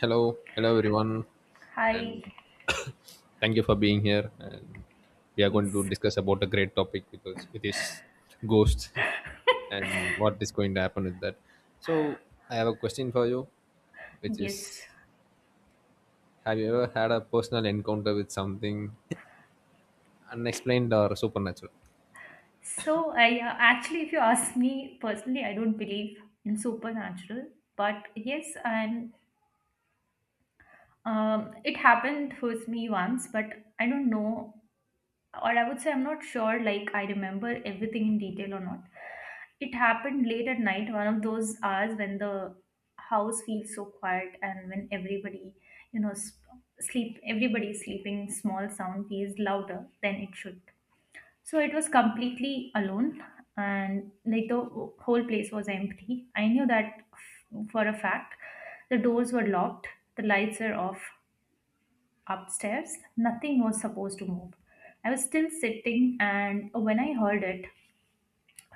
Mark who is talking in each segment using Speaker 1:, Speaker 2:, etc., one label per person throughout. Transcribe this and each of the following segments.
Speaker 1: Hello, hello everyone,
Speaker 2: Hi.
Speaker 1: and thank you for being here. And we are going to
Speaker 2: Yes.
Speaker 1: discuss about a great topic because it is ghosts and what is going to happen with that. So I have a question for you, which
Speaker 2: Yes.
Speaker 1: is: Have you ever had a personal encounter with something unexplained or supernatural?
Speaker 2: So I if you ask me personally, I don't believe in supernatural. But yes, I'm. It happened with me once, but I don't know, or I would say I'm not sure. Like I remember everything in detail or not. It happened late at night, one of those hours when the house feels so quiet and when everybody, sleep. Everybody is sleeping. Small sound feels louder than it should. So it was completely alone and like the whole place was empty. I knew that for a fact. The doors were locked, the lights were off upstairs, nothing was supposed to move. I was still sitting and when I heard it,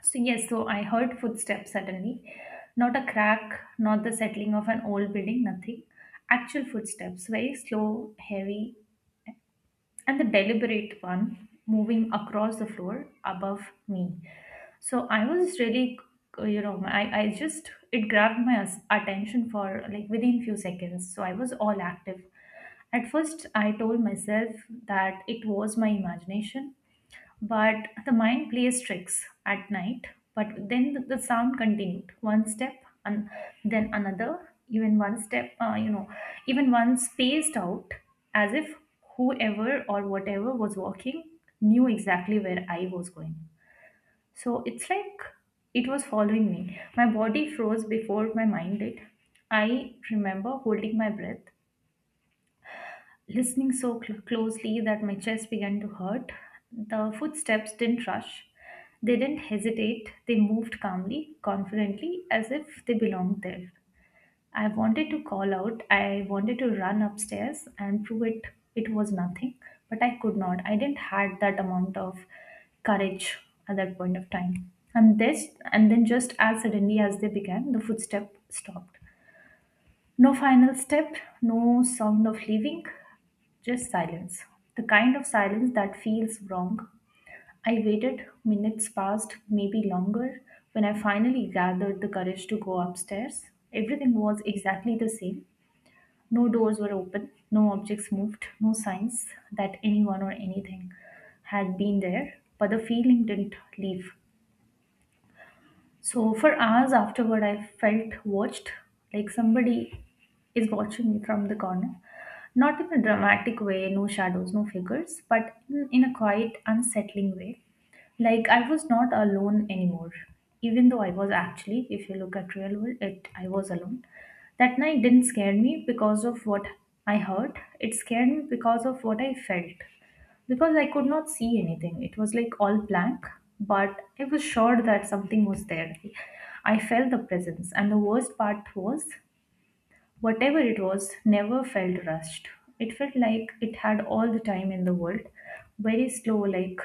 Speaker 2: so yes, so I heard footsteps suddenly. Not a crack, not the settling of an old building, nothing. Actual footsteps, very slow, heavy, and the deliberate one moving across the floor above me. So I was really, I just, it grabbed my attention for like within few seconds. So I was all active. At first, I told myself that it was my imagination, but the mind plays tricks at night. But then the sound continued one step and then another, even one step, even one spaced out, as if whoever or whatever was walking knew exactly where I was going. So it's like it was following me. My body froze before my mind did. I remember holding my breath, listening so closely that my chest began to hurt. The footsteps didn't rush. They didn't hesitate. They moved calmly, confidently, as if they belonged there. I wanted to call out. I wanted to run upstairs and prove it, it was nothing, but I could not. I didn't had that amount of courage at that point of time. And then just as suddenly as they began, the footstep stopped. No final step, no sound of leaving, just silence. The kind of silence that feels wrong. I waited, minutes passed, maybe longer. When I finally gathered the courage to go upstairs, everything was exactly the same. No doors were open, no objects moved, no signs that anyone or anything had been there, but the feeling didn't leave. So for hours afterward, I felt watched, like somebody is watching me from the corner. Not in a dramatic way, no shadows, no figures, but in a quiet, unsettling way. Like I was not alone anymore. Even though I was, actually, if you look at real world, it, I was alone. That night didn't scare me because of what I heard. It scared me because of what I felt, because I could not see anything. It was like all blank, but I was sure that something was there. I felt the presence, and the worst part was whatever it was never felt rushed. It felt like it had all the time in the world, very slow, like.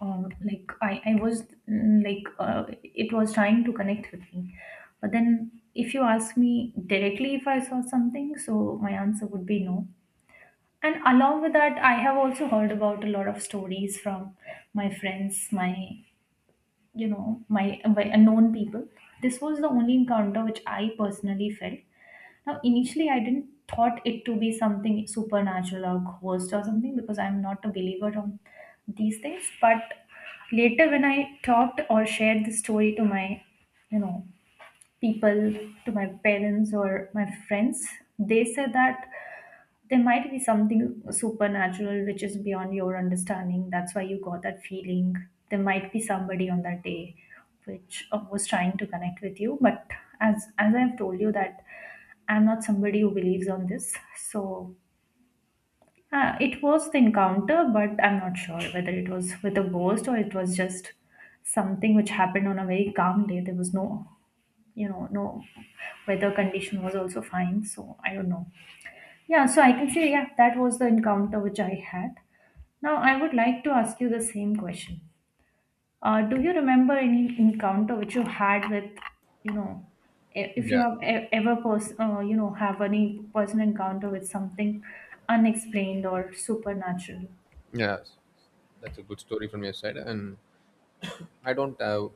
Speaker 2: Like I was, it was trying to connect with me. But then if you ask me directly if I saw something, so my answer would be no. And along with that, I have also heard about a lot of stories from my friends, my you know, my unknown people. This was the only encounter which I personally felt. Now, initially, I didn't thought it to be something supernatural or ghost or something, because I'm not a believer on these things. But later, when I talked or shared the story to my, you know, people, to my parents or my friends, they said that there might be something supernatural which is beyond your understanding. That's why you got that feeling. There might be somebody on that day which was trying to connect with you. But as I've told you that I'm not somebody who believes on this. So it was the encounter, but I'm not sure whether it was with a ghost or it was just something which happened on a very calm day. There was no, no weather condition, was also fine. So I don't know. Yeah, so I can say, yeah, that was the encounter which I had. Now, I would like to ask you the same question. Do you remember any encounter which you had with, you know, if you
Speaker 1: Yeah,
Speaker 2: have ever, have any personal encounter with something unexplained or supernatural?
Speaker 1: yeah, that's a good story from your side, and I don't have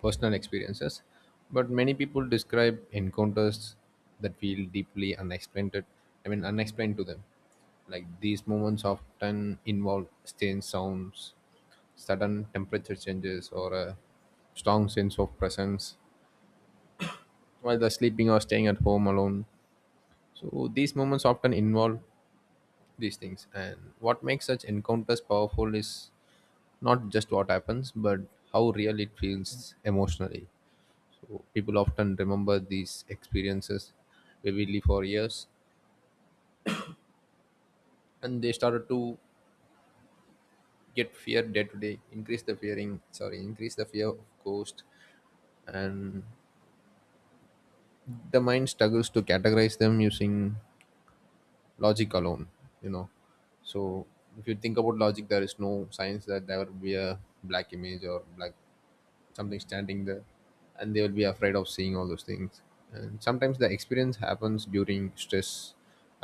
Speaker 1: personal experiences, but many people describe encounters that feel deeply unexplained. I mean, unexplained to them. Like these moments often involve strange sounds, sudden temperature changes, or a strong sense of presence while they're sleeping or staying at home alone. So these moments often involve these things. And what makes such encounters powerful is not just what happens, but how real it feels emotionally. People often remember these experiences vividly for years, and they started to get fear day to day, increase the fearing, sorry, increase the fear of ghost. And the mind struggles to categorize them using logic alone, you know so if you think about logic, there is no science that there will be a black image or black something standing there and they will be afraid of seeing all those things. And sometimes the experience happens during stress,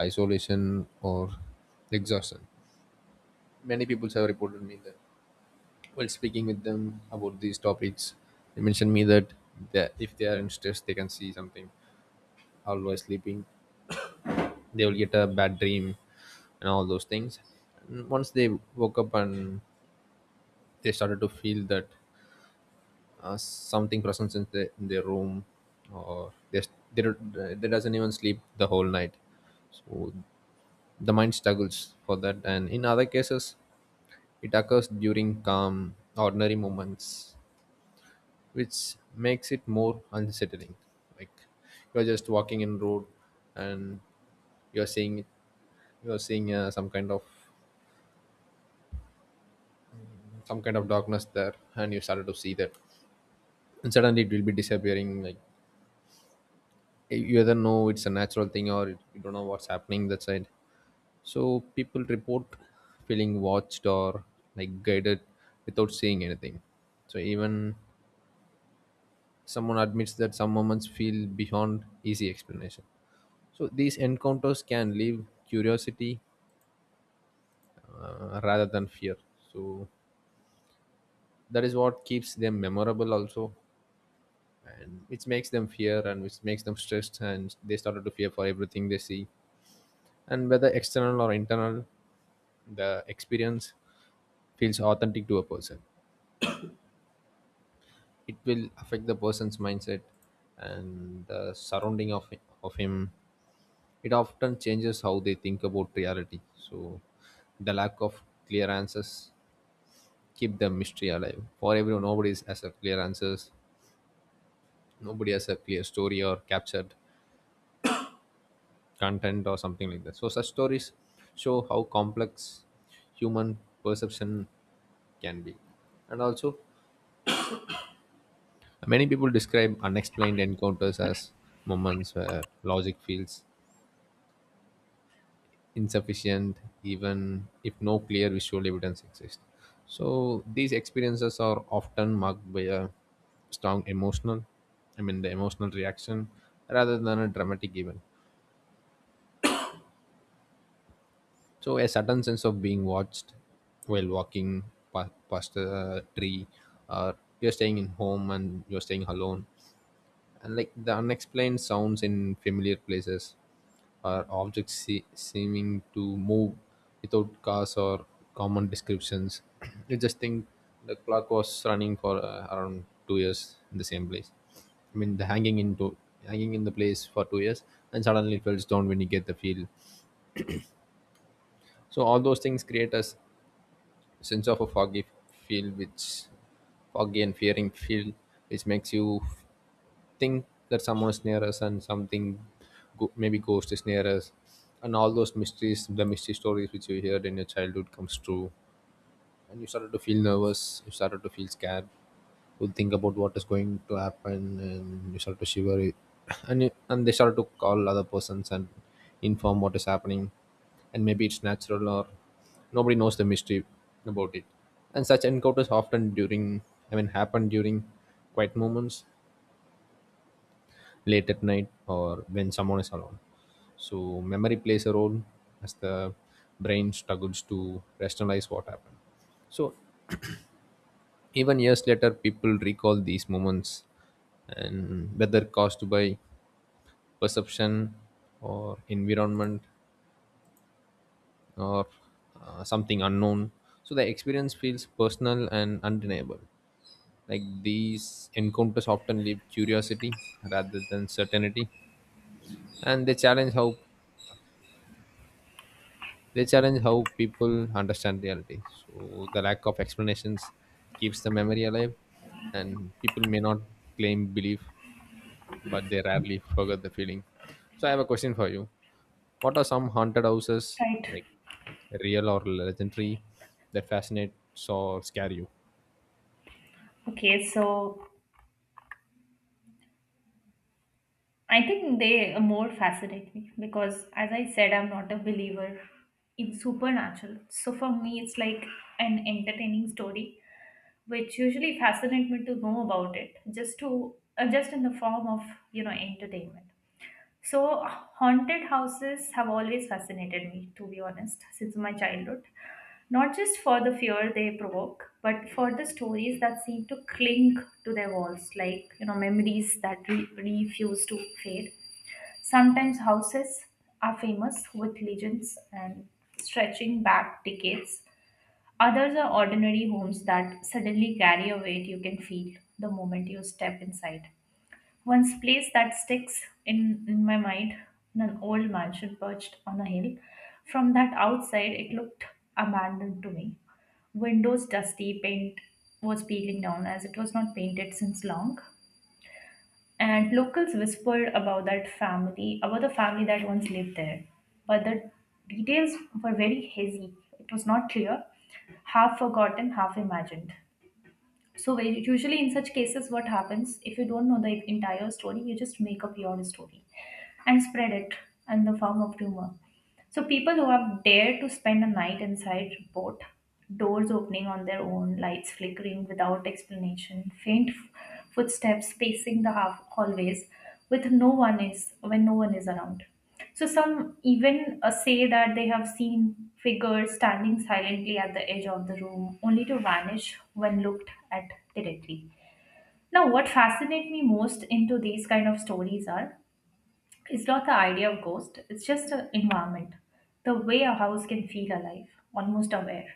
Speaker 1: isolation, or exhaustion. Many people have reported me that while speaking with them about these topics, they mentioned me that they, if they are in stress, they can see something. While sleeping, they will get a bad dream and all those things. And once they woke up and they started to feel that something presence in, the, in their room, or they, they doesn't even sleep the whole night. So the mind struggles for that, and in other cases it occurs during calm ordinary moments, which makes it more unsettling. Like you're just walking in road and you're seeing, you're seeing some kind of darkness there and you started to see that, and suddenly it will be disappearing. Like you either know it's a natural thing or you don't know what's happening that side. So people report feeling watched or like guided without saying anything. So even someone admits that some moments feel beyond easy explanation. So these encounters can leave curiosity, rather than fear. So that is what keeps them memorable also, and which makes them fear and which makes them stressed and they started to fear for everything they see. And whether external or internal, the experience feels authentic to a person. It will affect the person's mindset and the surrounding of him. It often changes how they think about reality. So the lack of clear answers keep the mystery alive for everyone. Nobody has a clear answers, nobody has a clear story or captured content or something like that. So such stories show how complex human perception can be. And also, many people describe unexplained encounters as moments where logic feels insufficient, even if no clear visual evidence exists. So these experiences are often marked by a strong emotional, I mean, the emotional reaction rather than a dramatic event. So a sudden sense of being watched while walking past a tree, or you're staying in home and you're staying alone, and like the unexplained sounds in familiar places or objects seeming to move without cause, or common descriptions. You just think the clock was running for around 2 years in the same place, I mean the hanging into hanging in the place for 2 years, and suddenly it falls down when you get the feel. So all those things create us sense of a foggy feel which, foggy and fearing feel, which makes you think that someone's near us, and something maybe ghost is near us. And all those mysteries, the mystery stories which you heard in your childhood comes true, and you started to feel nervous, you started to feel scared, would think about what is going to happen, and you start to shiver and they start to call other persons and inform what is happening. And maybe it's natural, or nobody knows the mystery about it. And such encounters often during, I mean happen during quiet moments, late at night, or when someone is alone. So memory plays a role as the brain struggles to rationalize what happened. So even years later, people recall these moments, and whether caused by perception or environment or something unknown, so the experience feels personal and undeniable. Like these encounters often leave curiosity rather than certainty, and they challenge how people understand reality. So the lack of explanations keeps the memory alive, and people may not claim belief, but they rarely forget the feeling. So I have a question for you. What are some haunted houses,
Speaker 2: Right.
Speaker 1: like real or legendary, that fascinate or scare you?
Speaker 2: Okay, so I think they more fascinate me because, as I said, I'm not a believer in supernatural. So for me, it's like an entertaining story which usually fascinate me to know about, it just to just in the form of, entertainment. So haunted houses have always fascinated me, to be honest, since my childhood, not just for the fear they provoke but for the stories that seem to cling to their walls, like, you know, memories that refuse to fade. Sometimes houses are famous with legends and stretching back decades. Others are ordinary homes that suddenly carry a weight you can feel the moment you step inside. One's place that sticks in my mind in an old mansion perched on a hill. From that outside, it looked abandoned to me. Windows dusty, paint was peeling down as it was not painted since long, and locals whispered about that family, about the family that once lived there. But the details were very hazy. It was not clear, half forgotten, half imagined. So, usually in such cases, what happens, if you don't know the entire story, you just make up your own story and spread it in the form of rumor. So people who have dared to spend a night inside report doors opening on their own, lights flickering without explanation, faint footsteps pacing the half hallways with no one is, when no one is around. So some even say that they have seen figures standing silently at the edge of the room, only to vanish when looked at directly. Now, what fascinates me most into these kind of stories are, it's not the idea of ghost, it's just the environment. The way a house can feel alive, almost aware.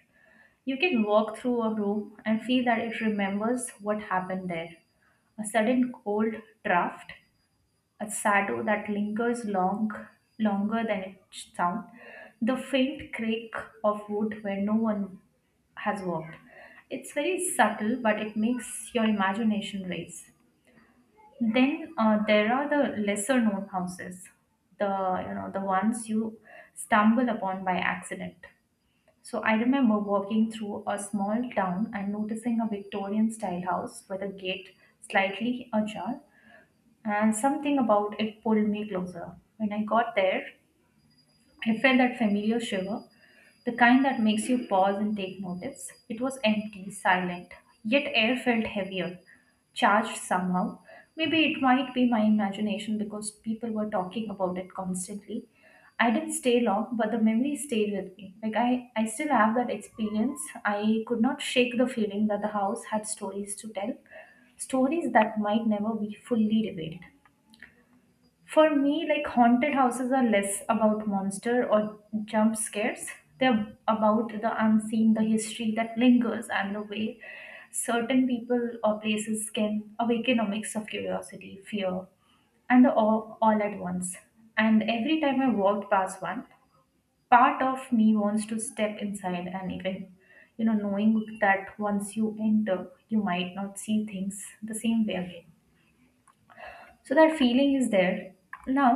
Speaker 2: You can walk through a room and feel that it remembers what happened there. A sudden cold draft, a shadow that lingers longer than its sound, the faint creak of wood where no one has walked. It's very subtle but it makes your imagination race. Then there are the lesser known houses, the, you know, the ones you stumble upon by accident. So I remember walking through a small town and noticing a Victorian style house with a gate slightly ajar, and something about it pulled me closer. When I got there, I felt that familiar shiver, the kind that makes you pause and take notice. It was empty, silent, yet air felt heavier, charged somehow. Maybe it might be my imagination because people were talking about it constantly. I didn't stay long, but the memory stayed with me. Like I still have that experience. I could not shake the feeling that the house had stories to tell, stories that might never be fully revealed. For me, like, haunted houses are less about monster or jump scares. They're about the unseen, the history that lingers, and the way certain people or places can awaken a mix of curiosity, fear, and the awe all at once. And every time I walked past one, part of me wants to step inside and even, you know, knowing that once you enter, you might not see things the same way again, so that feeling is there. Now,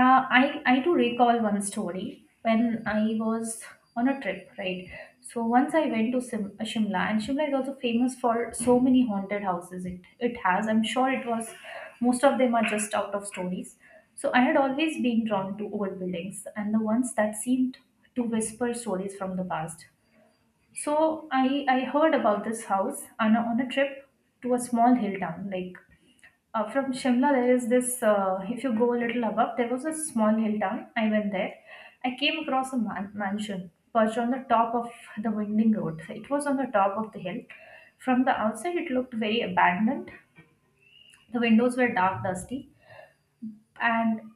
Speaker 2: I do recall one story when I was on a trip, right? So once I went to Shimla, and Shimla is also famous for so many haunted houses. It has, I'm sure it was, most of them are just out of stories. So I had always been drawn to old buildings, and the ones that seemed to whisper stories from the past. So I heard about this house on a trip to a small hill town. Like, from Shimla, there is this. If you go a little above, there was a small hill town. I went there. I came across a mansion perched on the top of the winding road. It was on the top of the hill. From the outside, it looked very abandoned. The windows were dark, dusty, and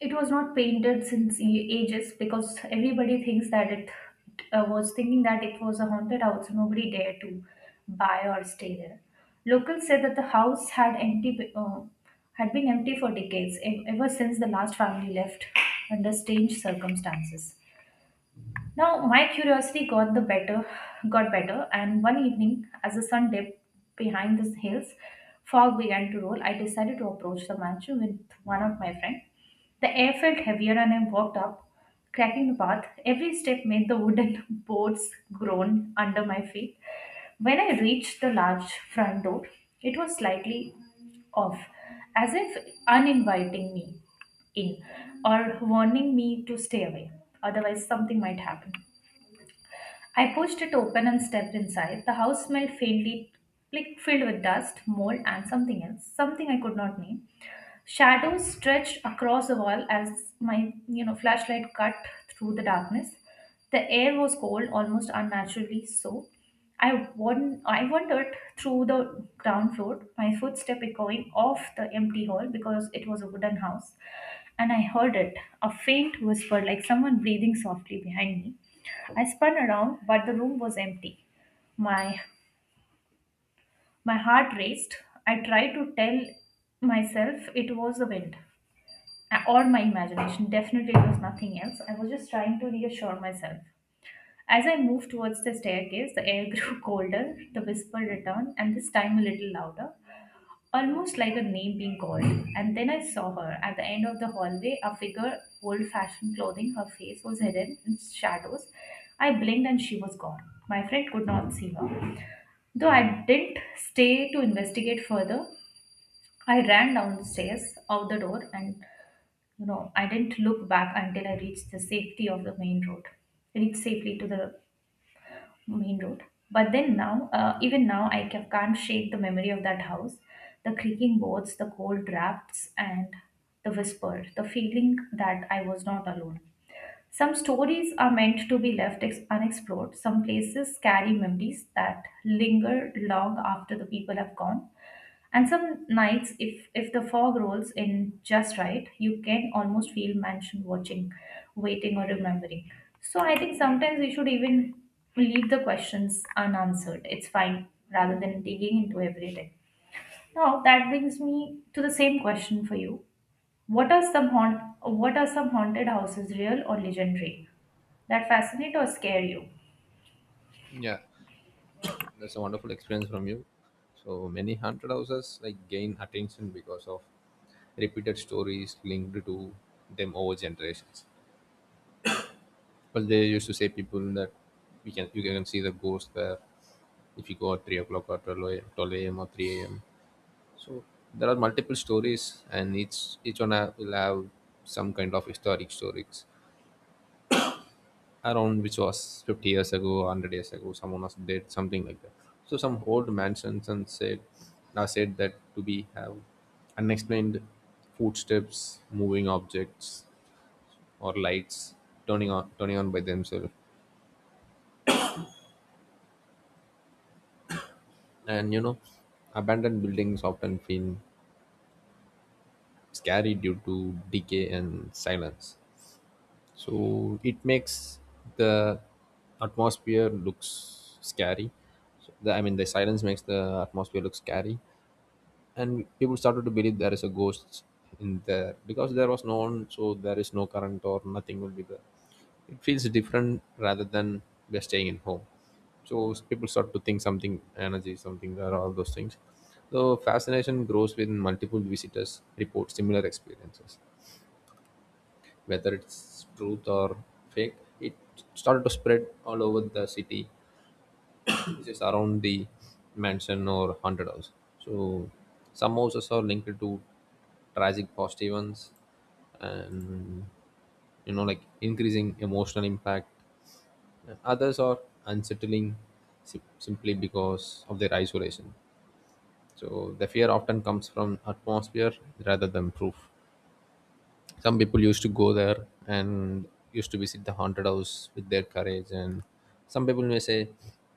Speaker 2: it was not painted since ages, because everybody thinks that it was thinking that it was a haunted house. Nobody dared to buy or stay there. Locals said that the house had empty, had been empty for decades, ever since the last family left under strange circumstances. Now my curiosity got the better and one evening as the sun dipped behind the hills, fog began to roll. I decided to approach the mansion with one of my friends. The air felt heavier and I walked up, cracking the path. Every step made the wooden boards groan under my feet. When I reached the large front door, it was slightly off, as if uninviting me in or warning me to stay away. Otherwise, something might happen. I pushed it open and stepped inside. The house smelled faintly, like filled with dust, mold, and something else, something I could not name. Shadows stretched across the wall as my flashlight cut through the darkness. The air was cold, almost unnaturally so. I I wandered through the ground floor, my footstep echoing off the empty hall because it was a wooden house, and I heard it, a faint whisper like someone breathing softly behind me. I spun around, but the room was empty. My my heart raced. I tried to tell myself it was the wind, or my imagination. Definitely, it was nothing else. I was just trying to reassure myself. As I moved towards the staircase, the air grew colder, the whisper returned, and this time a little louder almost like a name being called. And then I saw her at the end of the hallway, a figure, old fashioned clothing, her face was hidden in shadows. I blinked and she was gone. My friend could not see her. Though I didn't stay to investigate further, I ran down the stairs, out the door, and you know, I didn't look back until I reached the safety of the main road. Reached safely to the main road. But then even now, I can't shake the memory of that house. The creaking boards, the cold drafts, and the whisper, the feeling that I was not alone. Some stories are meant to be left unexplored. Some places carry memories that linger long after the people have gone. And some nights, if the fog rolls in just right, you can almost feel mansion watching, waiting or remembering. So I think sometimes we should even leave the questions unanswered. It's fine rather than digging into everything. Now that brings me to the same question for you. What are some haunted houses real or legendary? That fascinate or scare you?
Speaker 1: Yeah, that's a wonderful experience from you. So many haunted houses like gain attention because of repeated stories linked to them over generations. Well, they used to say people that we can you can see the ghost there if you go at 3 o'clock or 12 a.m., 12 a.m. or 3 a.m. So there are multiple stories, and each one will have some kind of historic stories around, which was 50 years ago, 100 years ago, someone was dead, something like that. So some old mansions and said, now said that to be have unexplained footsteps, moving objects, or lights turning on by themselves. And you know, abandoned buildings often feel scary due to decay and silence, so it makes the atmosphere looks scary. So I mean the silence makes the atmosphere look scary, and people started to believe there is a ghost in there because there was no one, so there is no current or nothing will be there. It feels different rather than just staying in home. So people start to think something energy, something there, all those things. So fascination grows when multiple visitors report similar experiences, whether it's truth or fake. It started to spread all over the city just around the mansion or haunted house. So some houses are linked to tragic past events, and you know, like increasing emotional impact, and others are unsettling simply because of their isolation. So the fear often comes from atmosphere rather than proof. Some people used to go there and used to visit the haunted house with their courage, and some people may say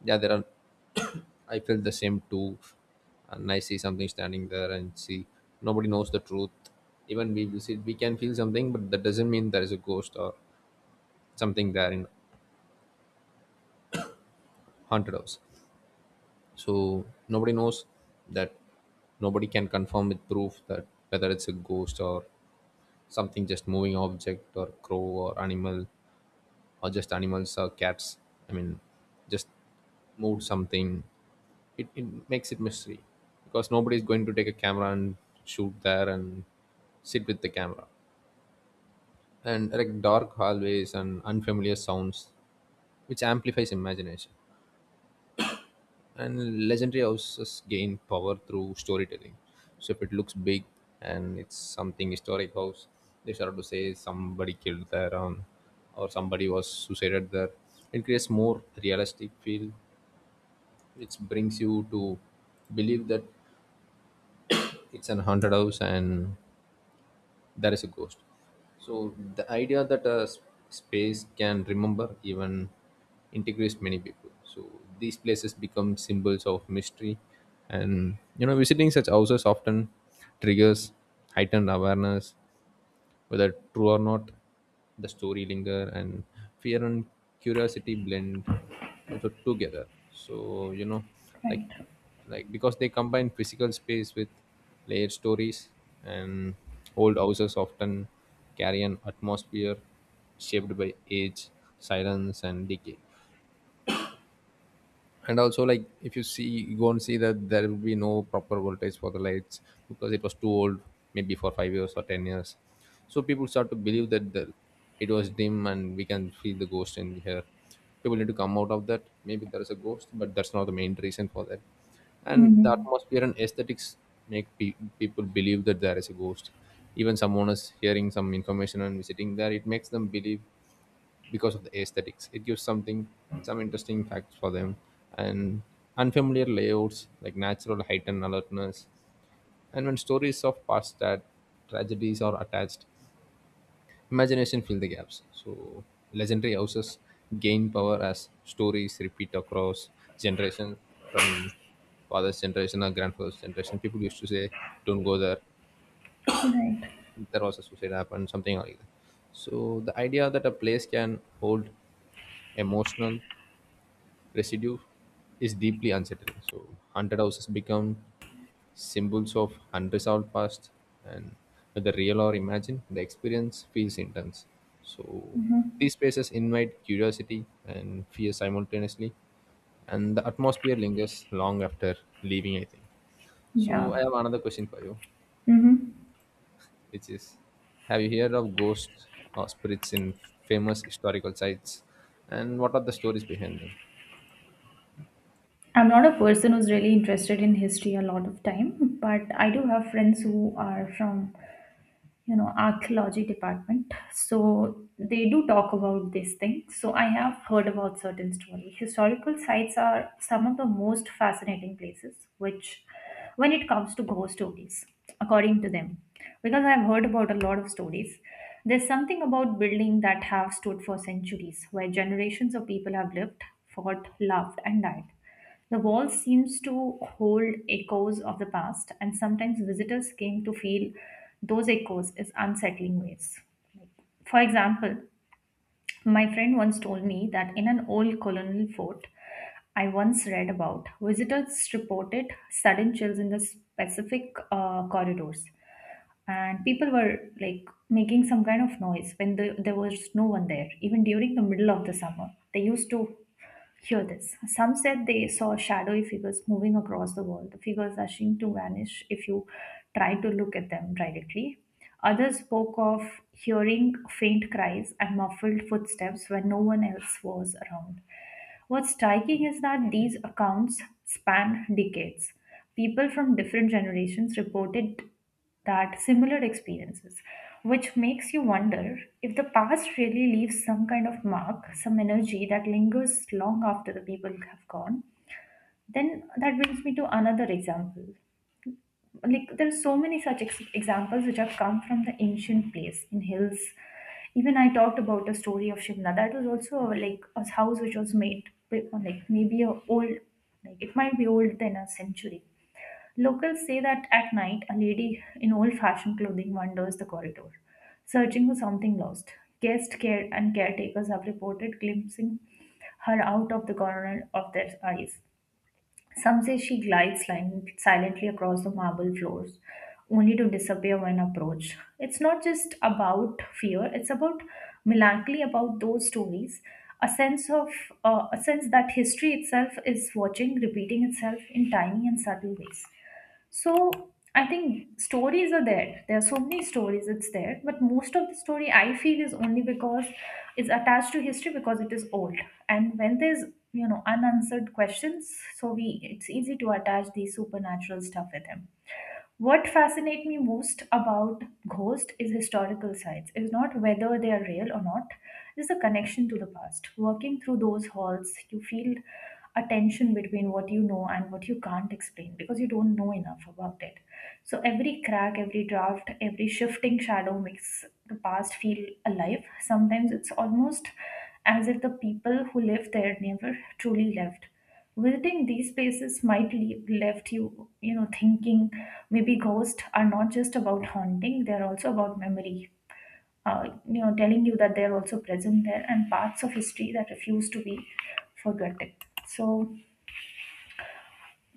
Speaker 1: yeah, there are I felt the same too, and I see something standing there, and see, nobody knows the truth. Even we visit, we can feel something, but that doesn't mean there is a ghost or something there in haunted house. So nobody knows that, nobody can confirm with proof that whether it's a ghost or something, just moving object or crow or animal, or just animals or cats. I mean, just moved something. It makes it mystery because nobody is going to take a camera and shoot there and sit with the camera. And like dark hallways and unfamiliar sounds, which amplifies imagination. And legendary houses gain power through storytelling. So if it looks big and it's something historic house, they start to say somebody killed there, or somebody was suicided there. It creates more realistic feel, it brings you to believe that it's an haunted house and there is a ghost. So the idea that a space can remember even integrates many people. So these places become symbols of mystery, and you know, visiting such houses often triggers heightened awareness. Whether true or not, the story linger, and fear and curiosity blend also together. So you know, like,
Speaker 2: Right.
Speaker 1: because they combine physical space with layered stories. And old houses often carry an atmosphere shaped by age, silence and decay. And also, like if you see, you go and see that there will be no proper voltage for the lights because it was too old, maybe for 5 years or 10 years. So people start to believe that it was dim and we can feel the ghost in here. People need to come out of that, maybe there is a ghost, but that's not the main reason for that. And the
Speaker 2: Mm-hmm.
Speaker 1: atmosphere and aesthetics make people believe that there is a ghost. Even someone is hearing some information and visiting there, it makes them believe because of the aesthetics. It gives something, some interesting facts for them, and unfamiliar layouts like natural height and alertness. And when stories of past tragedies are attached, imagination fills the gaps. So legendary houses gain power as stories repeat across generations, from father's generation or grandfather's generation. People used to say, "Don't go there."
Speaker 2: Right.
Speaker 1: There was a suicide happened, something like that. So the idea that a place can hold emotional residue is deeply unsettling. So haunted houses become symbols of unresolved past, and whether real or imagined, the experience feels intense. So
Speaker 2: Mm-hmm.
Speaker 1: these spaces invite curiosity and fear simultaneously, and the atmosphere lingers long after leaving, I think. So I
Speaker 2: Yeah.
Speaker 1: have another question for you,
Speaker 2: Mm-hmm.
Speaker 1: which is, have you heard of ghosts or spirits in famous historical sites, and what are the stories behind them?
Speaker 2: I'm not a person who's really interested in history a lot of time, but I do have friends who are from, you know, archaeology department. So they do talk about this thing. So I have heard about certain story. Historical sites are some of the most fascinating places, which when it comes to ghost stories, according to them, because I've heard about a lot of stories. There's something about buildings that have stood for centuries, where generations of people have lived, fought, loved, and died. The wall seems to hold echoes of the past, and sometimes visitors came to feel those echoes in unsettling ways. For example, my friend once told me that in an old colonial fort I once read about, visitors reported sudden chills in the specific corridors, and people were like making some kind of noise when there was no one there, even during the middle of the summer. They used to hear this. Some said they saw shadowy figures moving across the wall, the figures rushing to vanish if you tried to look at them directly. Others spoke of hearing faint cries and muffled footsteps when no one else was around. What's striking is that these accounts span decades. People from different generations reported that similar experiences, which makes you wonder if the past really leaves some kind of mark, some energy that lingers long after the people have gone. Then that brings me to another example. Like there are so many such examples which have come from the ancient place in hills. Even I talked about the story of Shimla. That was also like a house which was made like maybe a old, like it might be older than a century. Locals say that at night, a lady in old fashioned clothing wanders the corridor, searching for something lost. Guests care and caretakers have reported glimpsing her out of the corner of their eyes. Some say she glides silently across the marble floors, only to disappear when approached. It's not just about fear, it's about melancholy about those stories, a sense of a sense that history itself is watching, repeating itself in tiny and subtle ways. So I think stories are there. There are so many stories it's there, but most of the story I feel is only because it's attached to history because it is old. And when there's unanswered questions, so we it's easy to attach the supernatural stuff with him. What fascinates me most about ghosts is historical sites. It's not whether they are real or not, it's the connection to the past. Walking through those halls, you feel a tension between what you know and what you can't explain because you don't know enough about it. So every crack, every draft, every shifting shadow makes the past feel alive. Sometimes it's almost as if the people who lived there never truly left visiting these places might leave, left thinking maybe ghosts are not just about haunting they're also about memory you know telling you that they're also present there and parts of history that refuse to be forgotten so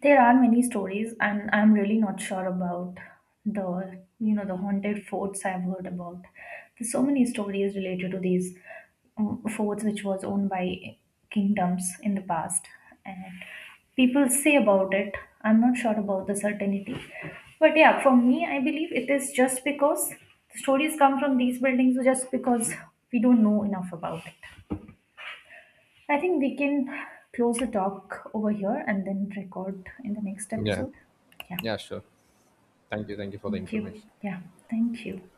Speaker 2: there are many stories, and I'm really not sure about the the haunted forts I've heard about. There's so many stories related to these forts which was owned by kingdoms in the past, and people say about it. I'm not sure about the certainty, but yeah, for me, I believe it is just because the stories come from these buildings, just because we don't know enough about it. I think we can close the talk over here and then record in the next
Speaker 1: Yeah.
Speaker 2: episode. Yeah.
Speaker 1: Yeah, sure. Thank you. Thank you for the
Speaker 2: Thank you.
Speaker 1: information.
Speaker 2: Yeah. Thank you.